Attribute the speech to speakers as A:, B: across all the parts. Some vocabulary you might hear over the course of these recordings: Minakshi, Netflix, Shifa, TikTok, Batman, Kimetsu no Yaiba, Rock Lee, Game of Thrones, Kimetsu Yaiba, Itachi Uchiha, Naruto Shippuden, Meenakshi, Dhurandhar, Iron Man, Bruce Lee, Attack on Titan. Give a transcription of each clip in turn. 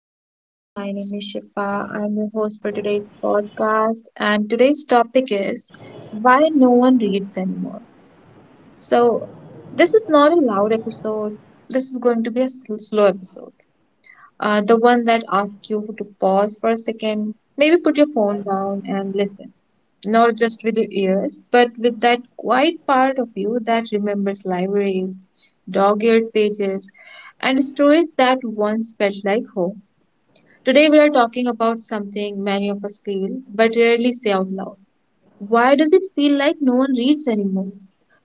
A: everyone, my name is Shifa. I'm your host for today's podcast, and today's topic is why no one reads anymore. So, this is not a loud episode, this is going to be a slow episode. The one that asks you to pause for a second, maybe put your phone down and listen, not just with your ears, but with that quiet part of you that remembers libraries, dog eared pages, and stories that once felt like home. Today, we are talking about something many of us feel but rarely say out loud. Why does it feel like no one reads anymore?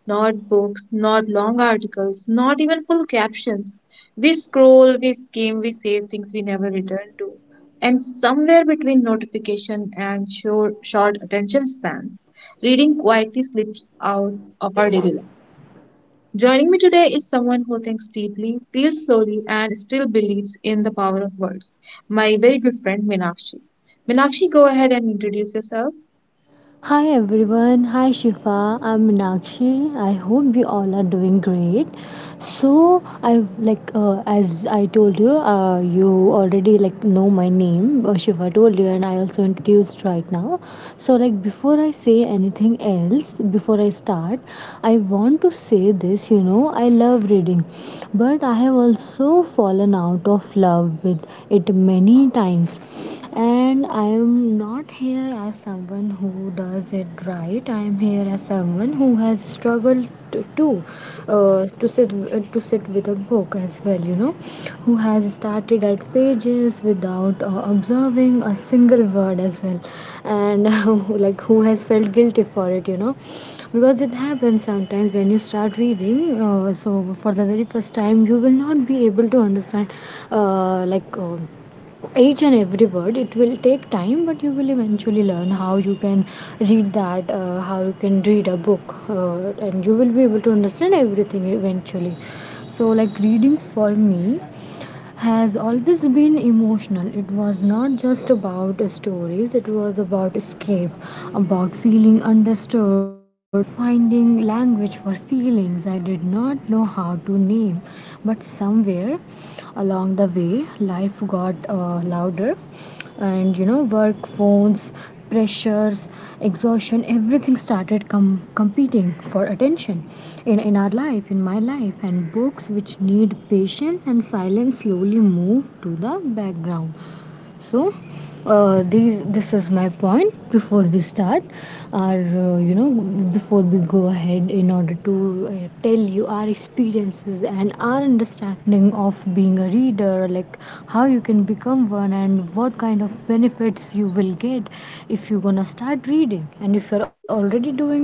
A: Not books, not long articles, not even full captions. We scroll, we skim, we save things we never return to. And somewhere between notification and short attention spans, reading quietly slips out of our daily life. Joining me today is someone who thinks deeply, feels slowly, and still believes in the power of words. My very good friend Minakshi. Minakshi, go ahead and introduce yourself.
B: Hi everyone, hi Shifa, I'm Meenakshi. I hope you all are doing great. So I've like as I told you, you already like know my name. Shiva told you, and I also introduced right now. So, like, before I say anything else, before I start, I want to say this. I love reading, but I have also fallen out of love with it many times, and I am not here as someone who does it right. I am here as someone who has struggled to sit with a book as well. Who has started at pages without observing a single word as well, and who has felt guilty for it. Because it happens sometimes when you start reading. So for the very first time, you will not be able to understand. uh, like. Uh, each and every word, it will take time, but you will eventually learn how you can read that, how you can read a book, and you will be able to understand everything eventually. So, like, reading for me has always been emotional. It was not just about stories, it was about escape, about feeling understood, about finding language for feelings I did not know how to name. But somewhere along the way, life got louder, and, you know, work, phones, pressures, exhaustion, everything started competing for attention in our life, in my life. And books, which need patience and silence, slowly moved to the background. So, these this is my point. Before we start, our you know before we go ahead, in order to tell you our experiences and our understanding of being a reader, like how you can become one and what kind of benefits you will get if you're gonna start reading. And if you're already doing it,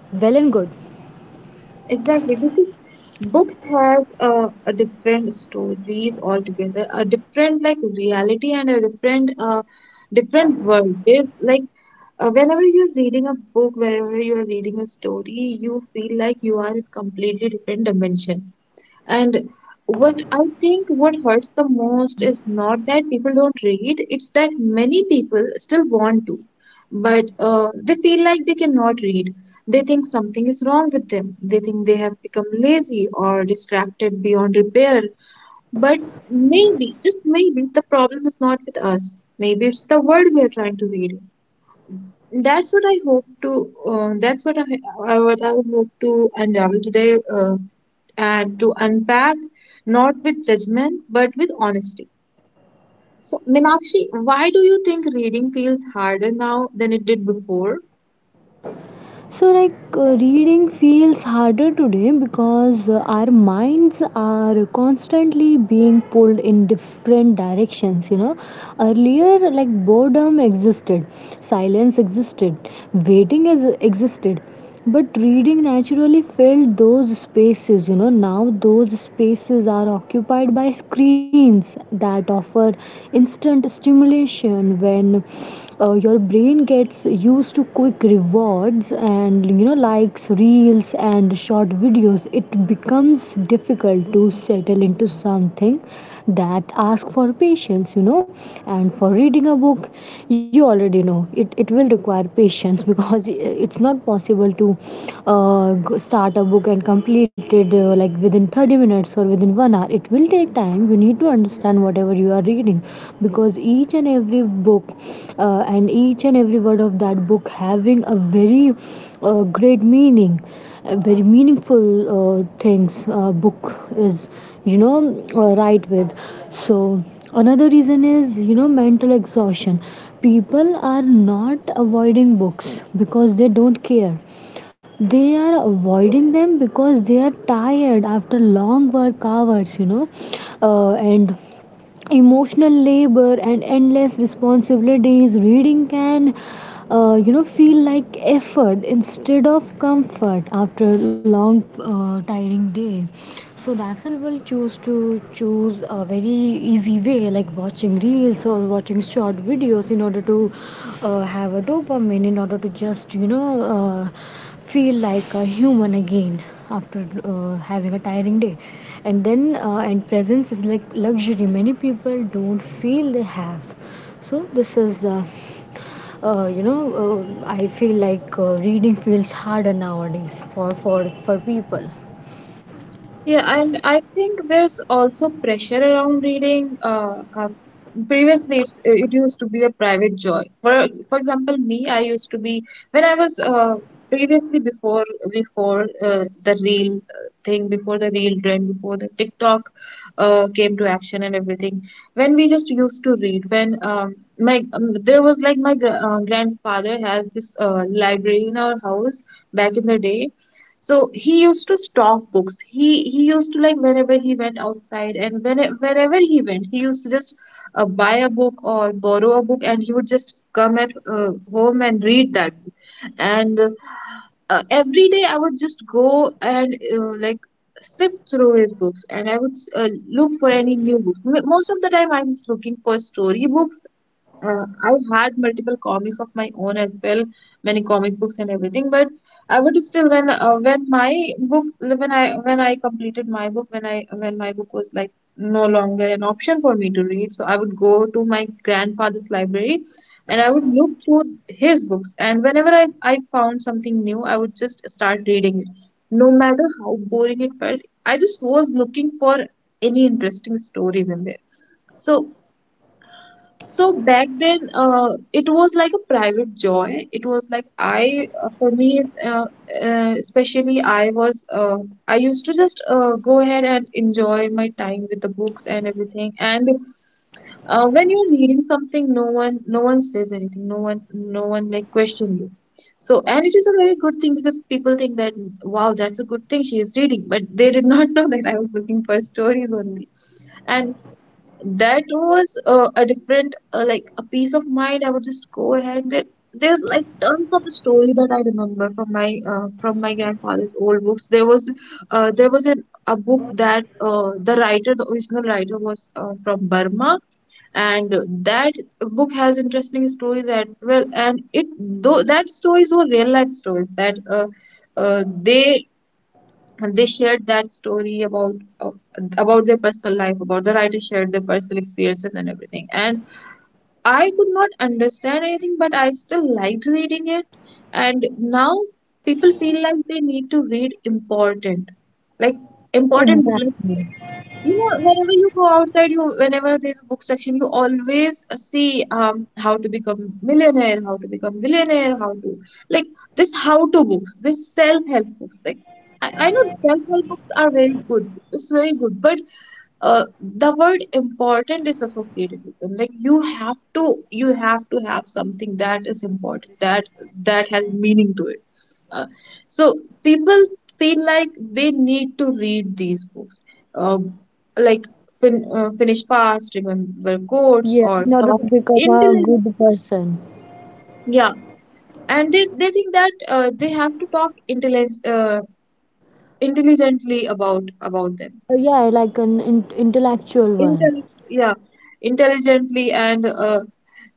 B: well and good.
A: Exactly, because books has a different stories altogether, a different like reality and a different world. There's like whenever you're reading a book, wherever you're reading a story, you feel like you are in completely different dimension. And what I think what hurts the most is not that people don't read, it's that many people still want to, but they feel like they cannot read. They think something is wrong with them. They think they have become lazy or distracted beyond repair. But maybe, just maybe, the problem is not with us. Maybe it's the world we are trying to read. That's what I hope to. That's what I hope to unravel today, and to unpack, not with judgment but with honesty. So, Minakshi, why do you think reading feels harder now than it did before?
B: So, like, reading feels harder today because our minds are constantly being pulled in different directions, you know. Earlier, like, boredom existed, silence existed, waiting existed, but reading naturally filled those spaces. Now those spaces are occupied by screens that offer instant stimulation. When your brain gets used to quick rewards and, you know, likes, reels, and short videos, it becomes difficult to settle into something that asks for patience. And for reading a book, you already know it will require patience. Because it's not possible to start a book and complete it, like, within 30 minutes or within 1 hour. It will take time, you need to understand whatever you are reading, because each and every book, and each and every word of that book, having a very great meaning, a very meaningful things, book is, you know right with. So another reason is, you know, mental exhaustion. People are not avoiding books because they don't care, they are avoiding them because they are tired after long work hours. And emotional labor and endless responsibilities, reading can feel like effort instead of comfort after a long tiring day. So that's how people choose a very easy way, like watching reels or watching short videos in order to have a dopamine, in order to just feel like a human again after having a tiring day. And presence is like luxury many people don't feel they have. So this is you know I feel like reading feels harder nowadays for people.
A: Yeah, and I think there's also pressure around reading. Previously, it used to be a private joy. For example, me, I used to be when I was previously before the real thing, before the real trend, before the TikTok came to action and everything. When we just used to read, when my there was like my grandfather has this library in our house back in the day so he used to stock books. He used to like whenever he went outside and when wherever he went, he used to just buy a book or borrow a book, and he would just come at home and read that book. And every day I would just go and like sift through his books, and I would look for any new book. M- Most of the time, I was looking for storybooks. I had multiple comics of my own as well, many comic books and everything. But I would still when my book when I completed my book when my book was like no longer an option for me to read, so I would go to my grandfather's library and I would look through his books. And whenever I found something new, I would just start reading it, no matter how boring it felt. I just was looking for any interesting stories in there. So so back then, it was like a private joy. It was like I, for me, especially I was, I used to just go ahead and enjoy my time with the books and everything. And when you're reading something, no one says anything. No one like question you. So, and it is a very good thing because people think that, wow, that's a good thing she is reading, but they did not know that I was looking for stories only. And that was a different like a peace of mind. I would just go ahead there, there's like tons of story that I remember from my grandfather's old books. There was a book that the writer, the original writer was from Burma, and that book has interesting stories that well, and it, though that stories were real life stories that uh, they they shared that story uh, about their personal life, about the writer, shared their personal experiences and everything. And I could not understand anything, but I still liked reading it. And now people feel like they need to read important, like important book, like
B: Exactly.
A: you know, whenever you go outside, you whenever there's a book section, you always see how to become millionaire, how to become billionaire, how to like this how to books, this self help books. Like I know self help books are very good. It's very good, but the word important is associated with them. Like you have to have something that is important that has meaning to it, uh, so people feel like they need to read these books, uh, like finish fast, remember quotes,
B: Yeah,
A: or
B: in order
A: talk
B: to become a
A: intelligent.
B: good person.
A: Yeah, and they think that they have to talk intelligently about them.
B: Yeah, like an intellectual one.
A: Intel- yeah, intelligently and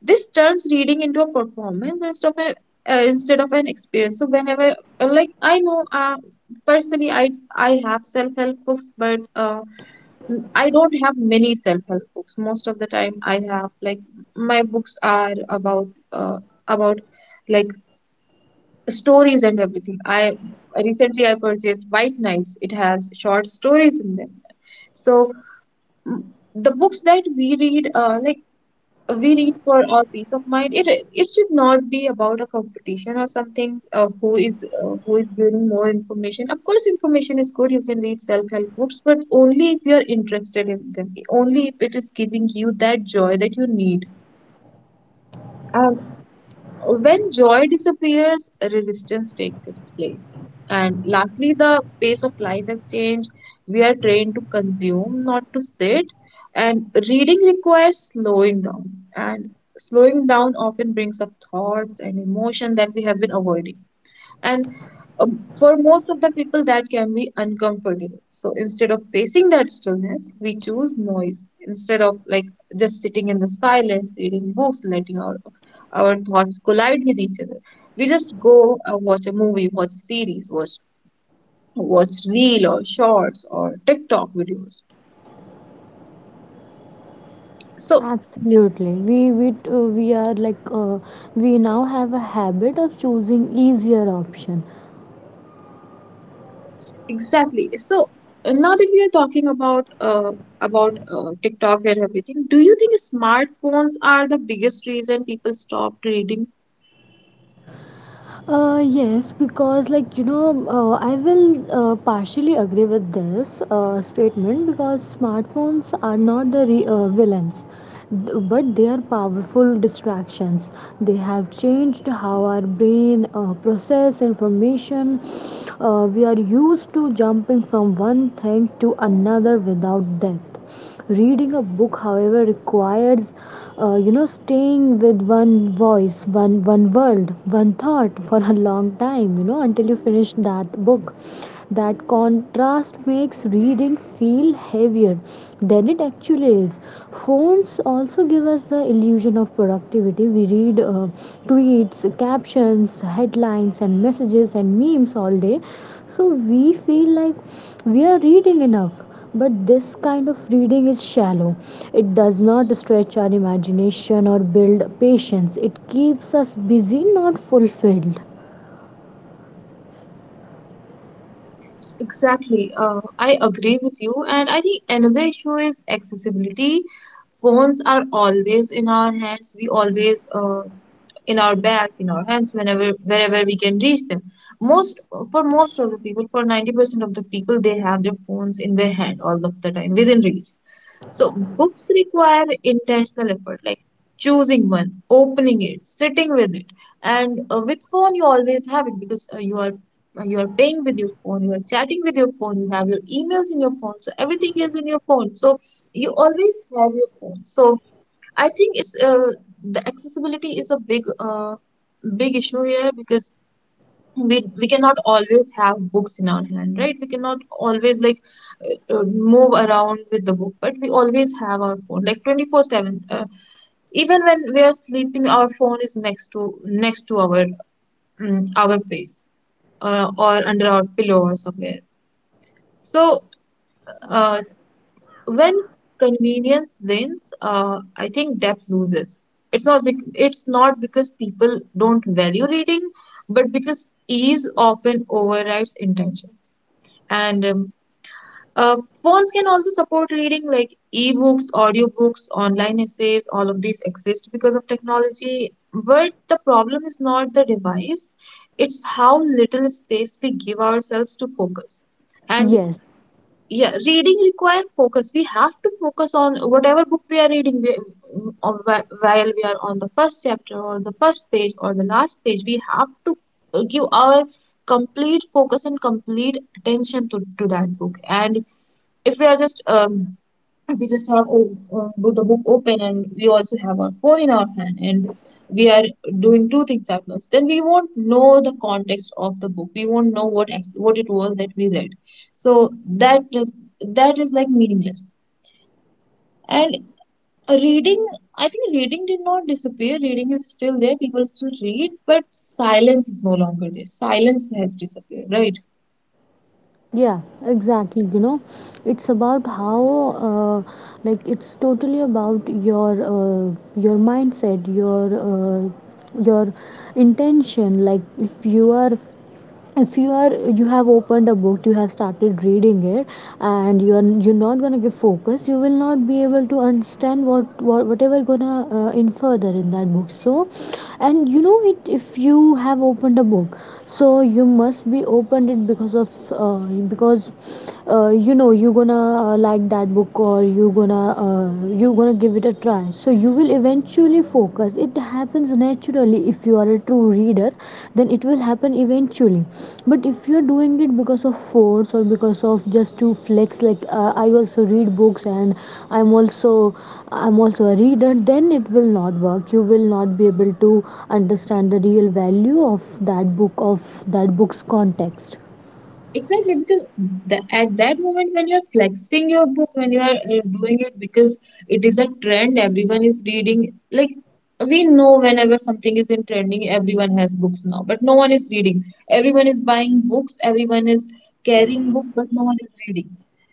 A: this turns reading into a performance instead of an experience. So whenever like I know personally I have self help books, but I don't have many self help books. Most of the time I have like my books are about about like stories and everything. I recently i purchased White Knights, it has short stories in them. So mm, the books that we read, like we need for our peace of mind, it should not be about a competition or something, who is, who is giving more information. Of course information is good, you can read self help books, but only if you are interested in them, only if it is giving you that joy that you need. When joy disappears, resistance takes its place. And lastly, the pace of life has changed. We are trained to consume, not to sit. And reading requires slowing down. And slowing down often brings up thoughts and emotion that we have been avoiding. And for most of the people, that can be uncomfortable. So instead of facing that stillness, we choose noise. Instead of like just sitting in the silence, reading books, letting our thoughts collide with each other, we just go watch a movie, watch a series, watch reel or shorts or TikTok videos. So
B: Absolutely. We are like, we now have a habit of choosing easier option.
A: exactly. So now that we are talking about TikTok and everything, do you think smartphones are the biggest reason people stopped reading?
B: Yes, because, like, I will partially agree with this statement, because smartphones are not the villains, but they are powerful distractions. They have changed how our brain process information. We are used to jumping from one thing to another without depth. Reading a book, however, requires staying with one voice, one world, one thought for a long time, until you finish that book. That contrast makes reading feel heavier than it actually is. Phones also give us the illusion of productivity. We read tweets, captions, headlines, and messages, and memes all day, so we feel like we are reading enough, but this kind of reading is shallow. It does not stretch our imagination or build patience, it keeps us busy, not fulfilled.
A: Exactly. I agree with you, and I think another issue is accessibility. Phones are always in our hands. We always in our bags, in our hands, whenever wherever we can reach them. Most for most of the people, for 90% of the people, they have their phones in their hand all of the time within reach. So books require intentional effort, like choosing one, opening it, sitting with it. And with phone, you always have it because you are paying with your phone, you are chatting with your phone, you have your emails in your phone, so everything is in your phone. So you always have your phone. So I think it's the accessibility is a big big issue here because we cannot always have books in our hand, right? We cannot always like move around with the book, but we always have our phone like 24/7, even when we are sleeping, our phone is next to our our face or under our pillow or somewhere. So uh, when convenience wins, I think depth loses. It's not because people don't value reading, but because ease often overrides intention. And uh, phones can also support reading like ebooks, audiobooks, online essays, all of these exist because of technology. But the problem is not the device, it's how little space we give ourselves to focus. And
B: Yes.
A: yeah, reading require focus. We have to focus on whatever book we are reading or while we are on the first chapter or the first page or the last page we have to give our complete focus and complete attention to that book. And if we are just we just have o- the book open and we also have our phone in our hand and we are doing two things at once, then we won't know the context of the book. We won't know what it was that we read. So that just, that is like meaningless. And reading, I think reading did not disappear. Reading is still there. People still read, but silence is no longer there. Silence has disappeared, right?
B: Yeah, exactly. It's about how, uh, like, it's totally about your mindset, your intention. Like, if you are you have opened a book, you have started reading it, and you're not going to give focus, you will not be able to understand what, whatever gonna in further in that book. So, and you know it, if you have opened a book, so you must be opened it because of because you're gonna like that book, or you're gonna give it a try. So you will eventually focus. It happens naturally if you are a true reader, then it will happen eventually. But if you are doing it because of force or because of just to flex, like, I also read books, and i'm also I'm also a reader, then it will not work. You will not be able to understand the real value of that book, of that book's context.
A: Exactly, because the, at that moment when you're flexing your book, when you are doing it because it is a trend, everyone is reading. Like, we know whenever something is in trending, everyone has books now, but no one is reading. Everyone is buying books, everyone is carrying book, but no one is reading.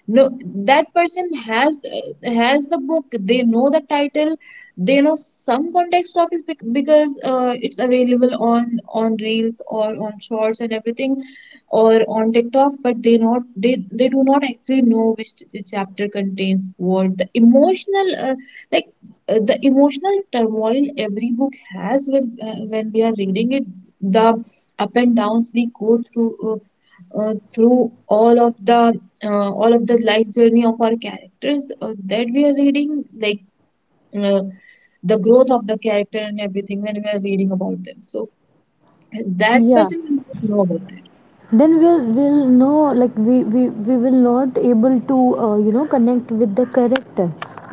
A: No, that person has the book. They know the title. They know some context of it because it's available on reels or on shorts and everything, or on TikTok, but they not they do not actually know which the chapter contains what. The emotional like the emotional turmoil every book has when we are reading it, the up and downs we go through through all of the life journey of our characters that we are reading, like, uh, the growth of the character and everything when we are reading about them. So that
B: Yeah,
A: person will not know about it.
B: then we'll know, like, we will not able to connect with the character,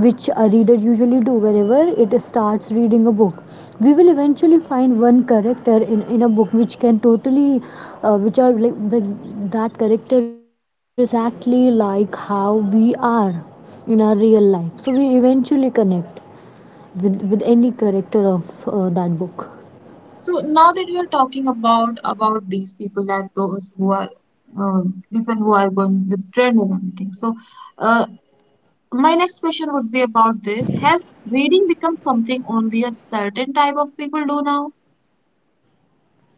B: which a reader usually do whenever it starts reading a book. We will eventually find one character in a book which can totally, which are like the, that character is exactly like how we are in our real life. So we eventually connect with any character of that book.
A: So now that we are talking about these people, that those who are people who are going with trend and everything. So uh, my next question would be about this. Has reading become something only a certain type of people do now?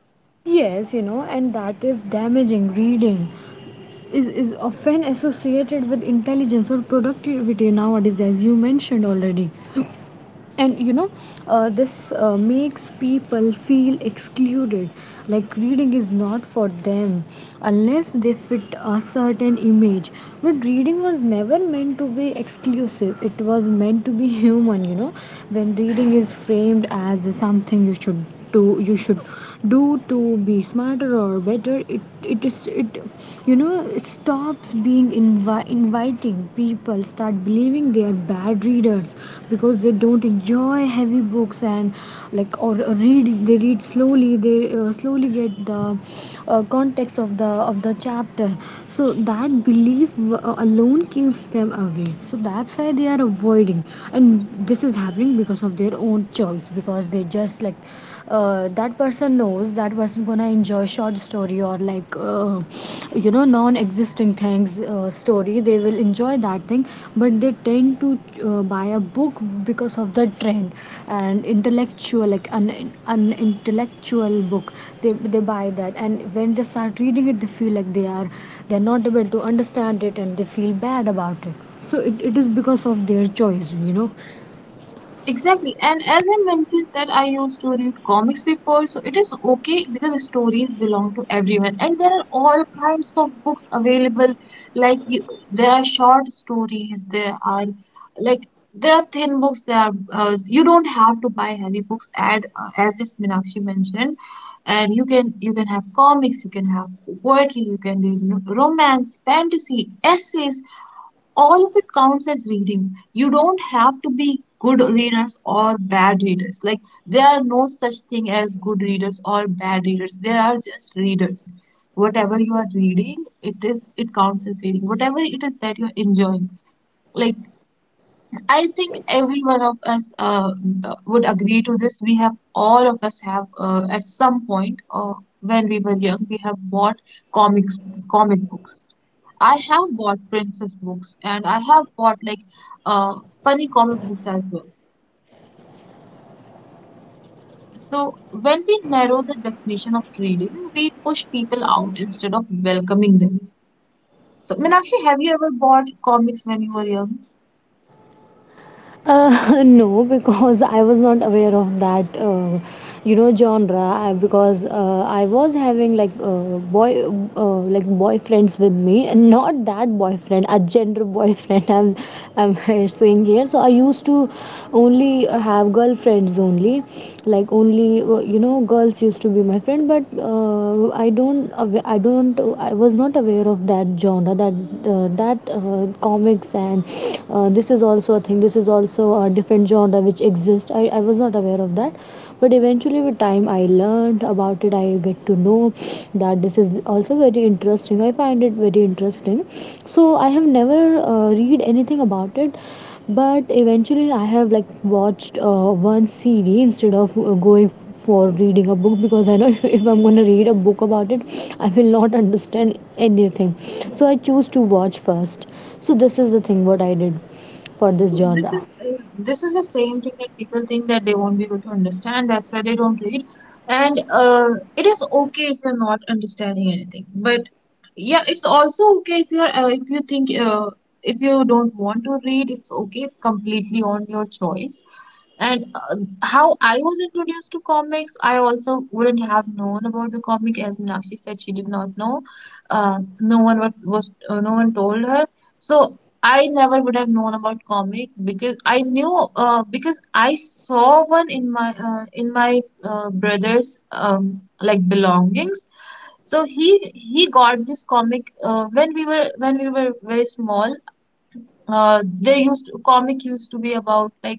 B: Yes, and that is damaging. Reading is often associated with intelligence or productivity nowadays, as you mentioned already. And, this makes people feel excluded, like reading is not for them unless they fit a certain image. But reading was never meant to be exclusive, it was meant to be human. When reading is framed as something you should do to be smarter or better, it is it you know it stops being inviting. People start believing they are bad readers because they don't enjoy heavy books and, like, or read, they read slowly, they slowly get the context of the chapter. So that belief alone keeps them away, so that's why they are avoiding. And this is happening because of their own choice, because they just, like, that person knows that person gonna enjoy short story, or, like, non-existing things, story, they will enjoy that thing. But they tend to buy a book because of the trend, and intellectual, like an intellectual book, they buy that, and when they start reading it, they feel like they're not able to understand it, and they feel bad about it. So it is because of their choice.
A: Exactly. And as I mentioned that I used to read comics before, so it is okay because stories belong to everyone. And there are all kinds of books available. Like you, there are short stories, there are, like, there are thin books, there are, you don't have to buy heavy books at, as this Meenakshi mentioned. And you can have comics, you can have poetry, you can read romance, fantasy, essays, all of it counts as reading. You don't have to be good readers or bad readers. Like, there are no such thing as good readers or bad readers, there are just readers. Whatever you are reading, it is, it counts as reading, whatever it is that you're enjoying. Like, I think every one of us, would agree to this. We have, all of us have, at some point, when we were young, we have bought comics, comic books. I have bought princess books and I have bought, like, uh, funny comic books as well. So when we narrow the definition of reading, we push people out instead of welcoming them. So Meenakshi, have you ever bought comics when you were young?
B: No, because I was not aware of that, genre. Because I was having, like, boy, like, boyfriends with me, and not that boyfriend, a gender boyfriend. I'm saying here. So I used to only have girlfriends only, like, only girls used to be my friend. But I don't, awa- I don't, I was not aware of that genre, that comics, and this is also a thing. This is also a different genre which exists. I was not aware of that, but eventually with time I learned about it. I get to know that this is also very interesting, I find it very interesting. So I have never read anything about it, but eventually I have, like, watched one series instead of going for reading a book, because I know if I'm going to read a book about it, I will not understand anything. So I choose to watch first. So this is the thing what I did for this
A: So
B: genre.
A: this is the same thing that people think, that they won't be able to understand. That's why they don't read. And it is okay if you're not understanding anything, but yeah, it's also okay if you're, if you think, if you don't want to read, it's okay. It's completely on your choice. And how I was introduced to comics, I also wouldn't have known about the comic, as Meenakshi said she did not know. No one wa- was no one told her. So I never would have known about comic because I knew, because I saw one in my, in my, brother's like belongings. So he got this comic, when we were, when we were very small. There used to, comic used to be about, like,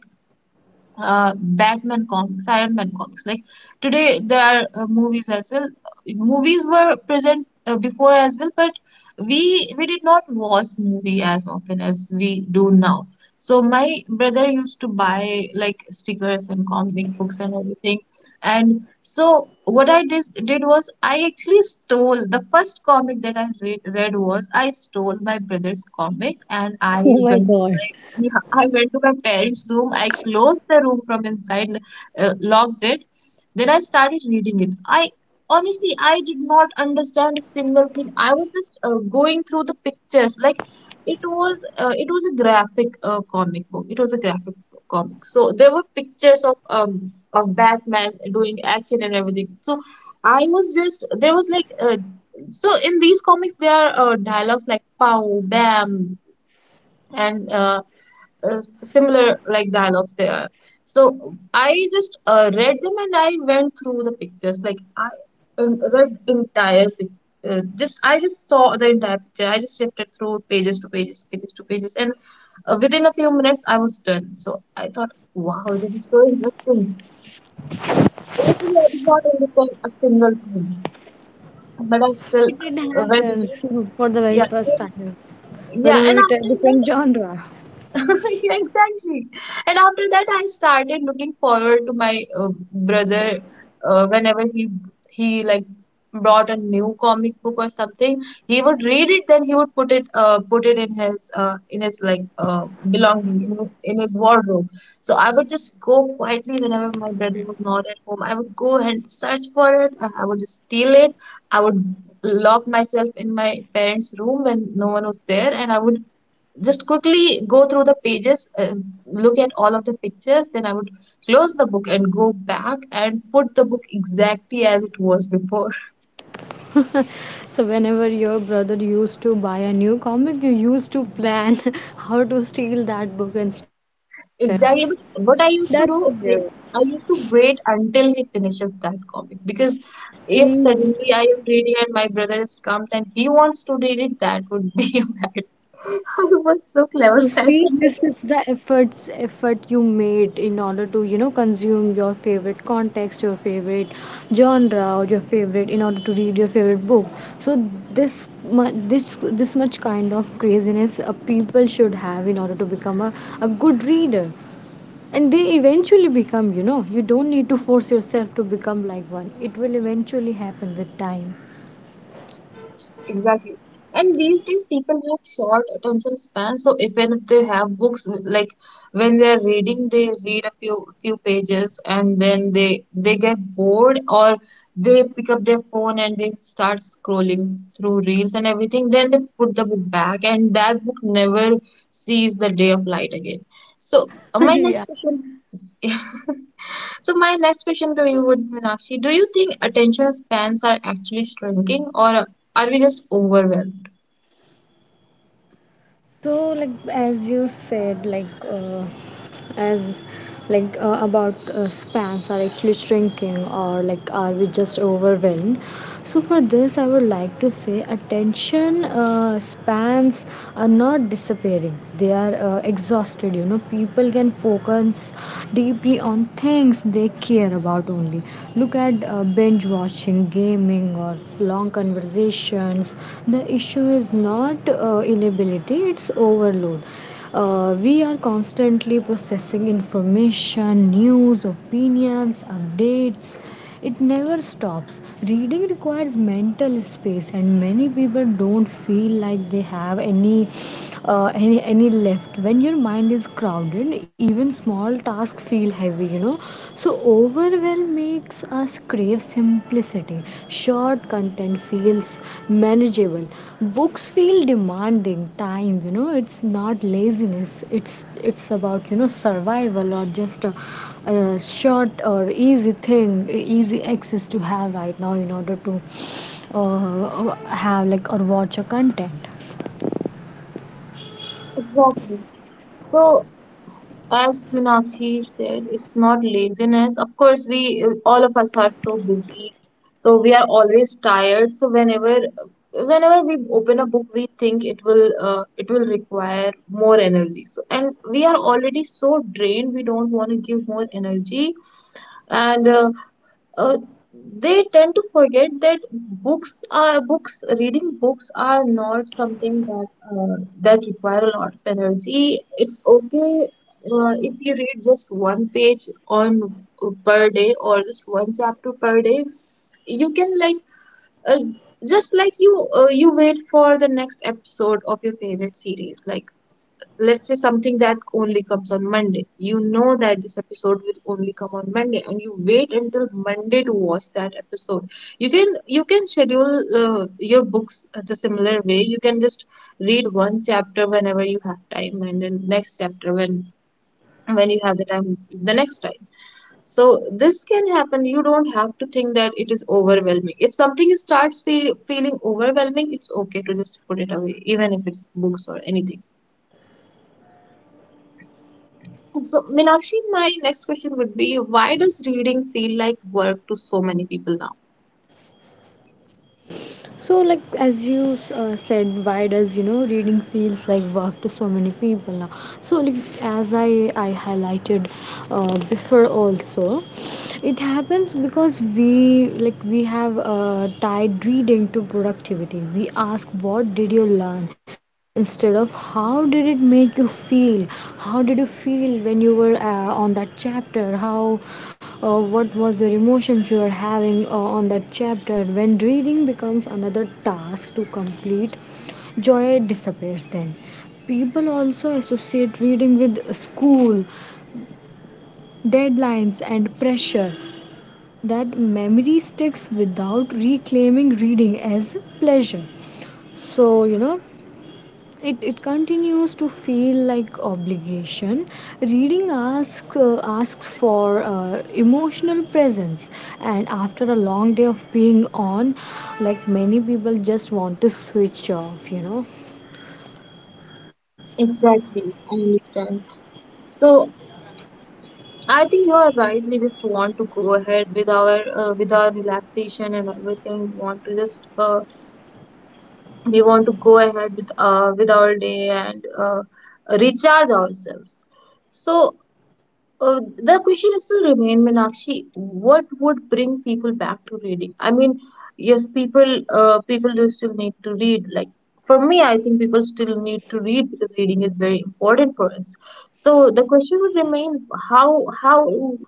A: Batman comics, Iron Man comics. Like, today, there are movies as well. Movies were present before as well, but we did not watch movie as often as we do now. So my brother used to buy, like, stickers and comic books and everything. And so what I did was I actually stole the first comic that I read was I stole my brother's comic and I
B: Oh my
A: went,
B: god.
A: yeah, I went to my parents' room. I closed the room from inside, locked it. Then I started reading it. I, honestly, I did not understand a single thing. I was just going through the pictures. Like, it was a graphic comic book. It was a graphic comic. So there were pictures of Batman doing action and everything. So I was just, there was like, so in these comics there are dialogues like pow, bam, and similar like dialogues there. So I just read them and I went through the pictures. Like, I read entire pic- just I just saw the entire picture. I just shifted through pages to pages, and within a few minutes I was done. So I thought, wow, this is so interesting. Even I did not understand a single thing, but I still
B: It
A: went
B: happen
A: into,
B: for the very
A: yeah,
B: first time.
A: yeah,
B: Whenever
A: and
B: we try
A: after
B: different
A: that.
B: genre.
A: Yeah, exactly. And after that, I started looking forward to my, brother, whenever he like brought a new comic book or something. He would read it, then he would put it, put it in his, in his like, belonging in his wardrobe. So I would just go quietly whenever my brother was not at home. I would go and search for it, and I would steal it. I would lock myself in my parents' room when no one was there, and I would just quickly go through the pages, look at all of the pictures. Then I would close the book and go back and put the book exactly as it was before.
B: So whenever your brother used to buy a new comic, you used to plan how to steal that book instantly.
A: Exactly. But what I used to
B: That's
A: do,
B: just there.
A: I used to wait until he finishes that comic because if
B: See,
A: suddenly I am reading and my brother just comes and he wants to read it, that would be. I was so
B: So
A: clever back
B: see,
A: then.
B: this is the effort you made in order to, you know, consume your favorite context, your favorite genre, or your favorite in order to read your favorite book. So this mu- this much kind of craziness people should have in order to become a good reader. And they eventually become, you know, you don't need to force yourself to become like one. It will eventually happen with time.
A: Exactly. And these days, people have short attention span. So even if they have books, like, when they're reading, they read a few pages and then they get bored, or they pick up their phone and they start scrolling through reels and everything. Then they put the book back, and that book never sees the day of light again. So my
B: Yeah.
A: next question. So my next question to you would be, Meenakshi, do you think attention spans are actually shrinking or are we just overwhelmed?
B: So, like as you said, like as like about spans are actually shrinking, or like are we just overwhelmed? So, for this, I would like to say attention spans are not disappearing; they are exhausted. You know, people can focus deeply on things they care about only. Look at binge watching, game gaming or long conversations, the issue is not inability, it's overload. We are constantly processing information, news, opinions, updates. It never stops. Reading requires mental space, and many people don't feel like they have any any left. When your mind is crowded, even small tasks feel heavy, you know. So overwhelm makes us crave simplicity. Short content feels manageable, books feel demanding time, you know. It's not laziness, it's about, you know, survival, or just a short or easy thing, easy access to have right now in order to uh, have like or watch a content.
A: Exactly. So, as Meenakshi said, it's not laziness. Of course, we, all of us are so busy, so we are always tired. So whenever, whenever we open a book, we think it will, it will require more energy. So, and we are already so drained, we don't want to give more energy. And uh, they tend to forget that books, reading books are not something that, that require a lot of energy. It's okay if you read just one page on, per day or just one chapter per day. You can like, uh, just like you, you wait for the next episode of your favorite series, like, let's say something that only comes on Monday. You know that this episode will only come on Monday, and you wait until Monday to watch that episode. You can schedule your books the similar way. You can just read one chapter whenever you have time, and then next chapter when you have the time the next time. So this can happen. You don't have to think that it is overwhelming. If something starts feeling overwhelming, it's okay to just put it away, even if it's books or anything. So, Meenakshi, my next question would be, why does reading feel like work to so many people now?
B: So, why does, you know, reading feels like work to so many people now? So, like as I highlighted before also, it happens because we like we have tied reading to productivity. We ask what did you learn, instead of how did it make you feel? How did you feel when you were on that chapter? How What was your emotions you were having on that chapter? When reading becomes another task to complete, joy disappears then. People also associate reading with school, deadlines, and pressure. That memory sticks. Without reclaiming reading as pleasure, so, you know, it continues to feel like obligation. Reading asks for emotional presence, and after a long day of being on, like, many people just want to switch off, you know.
A: Exactly, I understand. So I think you are right. We just want to go ahead with our, with our relaxation and everything. We want to just, we want to go ahead with, with our day and, recharge ourselves. So, Uh, the question is still remain, Meenakshi. What would bring people back to reading? I mean, yes, people, people do still need to read. Like, for me, I think people still need to read because reading is very important for us. So the question would remain: how how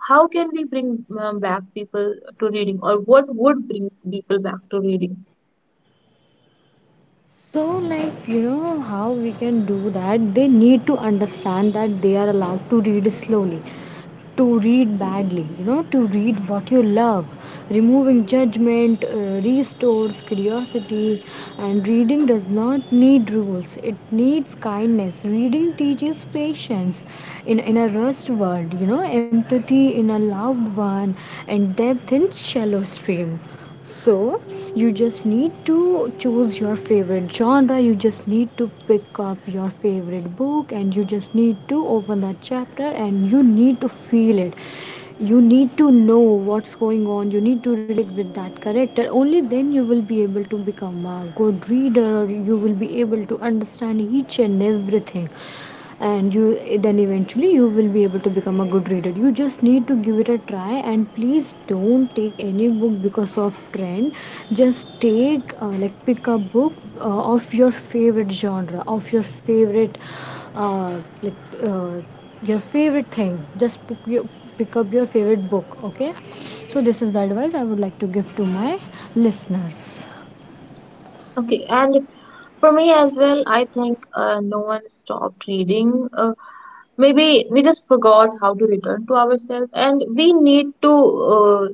A: how can we bring back people to reading, or what would bring people back to reading?
B: So, like, you know, how we can do that: they need to understand that they are allowed to read slowly, to read badly, you know, to read what you love. Removing judgment restores curiosity, and reading does not need rules, it needs kindness. Reading teaches patience in a rushed world, you know, empathy in a loved one, and depth in shallow stream. So, you just need to choose your favorite genre, you just need to pick up your favorite book, and you just need to open that chapter and you need to feel it. You need to know what's going on, you need to relate with that character. Only then you will be able to become a good reader, or you will be able to understand each and everything, and you then eventually you will be able to become a good reader. You just need to give it a try, and please don't take any book because of trend. Just take, like, pick a book, of your favorite genre, of your favorite, uh, like uh, your favorite thing. Just pick, your, pick up your favorite book, okay? So this is the advice I would like to give to my listeners.
A: Okay, and for me as well, I think no one stopped reading, maybe we just forgot how to return to ourselves, and we need to uh,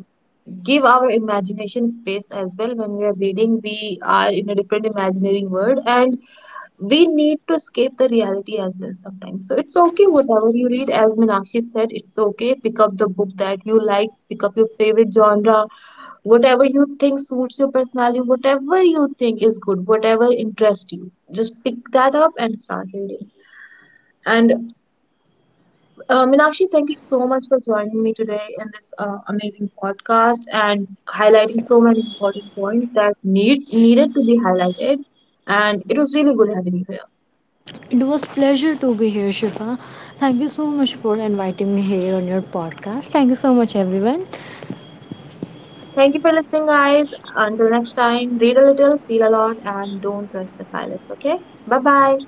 A: give our imagination space as well. When we are reading, we are in a different imaginary world, and we need to escape the reality as well sometimes. So it's okay whatever you read. As Meenakshi said, it's okay, pick up the book that you like, pick up your favorite genre, whatever you think suits your personality, whatever you think is good, whatever interests you, just pick that up and start reading. And Meenakshi, thank you so much for joining me today in this amazing podcast and highlighting so many important points that needed to be highlighted. And it was really good having you here.
B: It was pleasure to be here, Shifa. Thank you so much for inviting me here on your podcast. Thank you so much, everyone.
A: Thank you for listening, guys. Until next time, read a little, feel a lot, and don't trust the silence. Okay? Bye bye.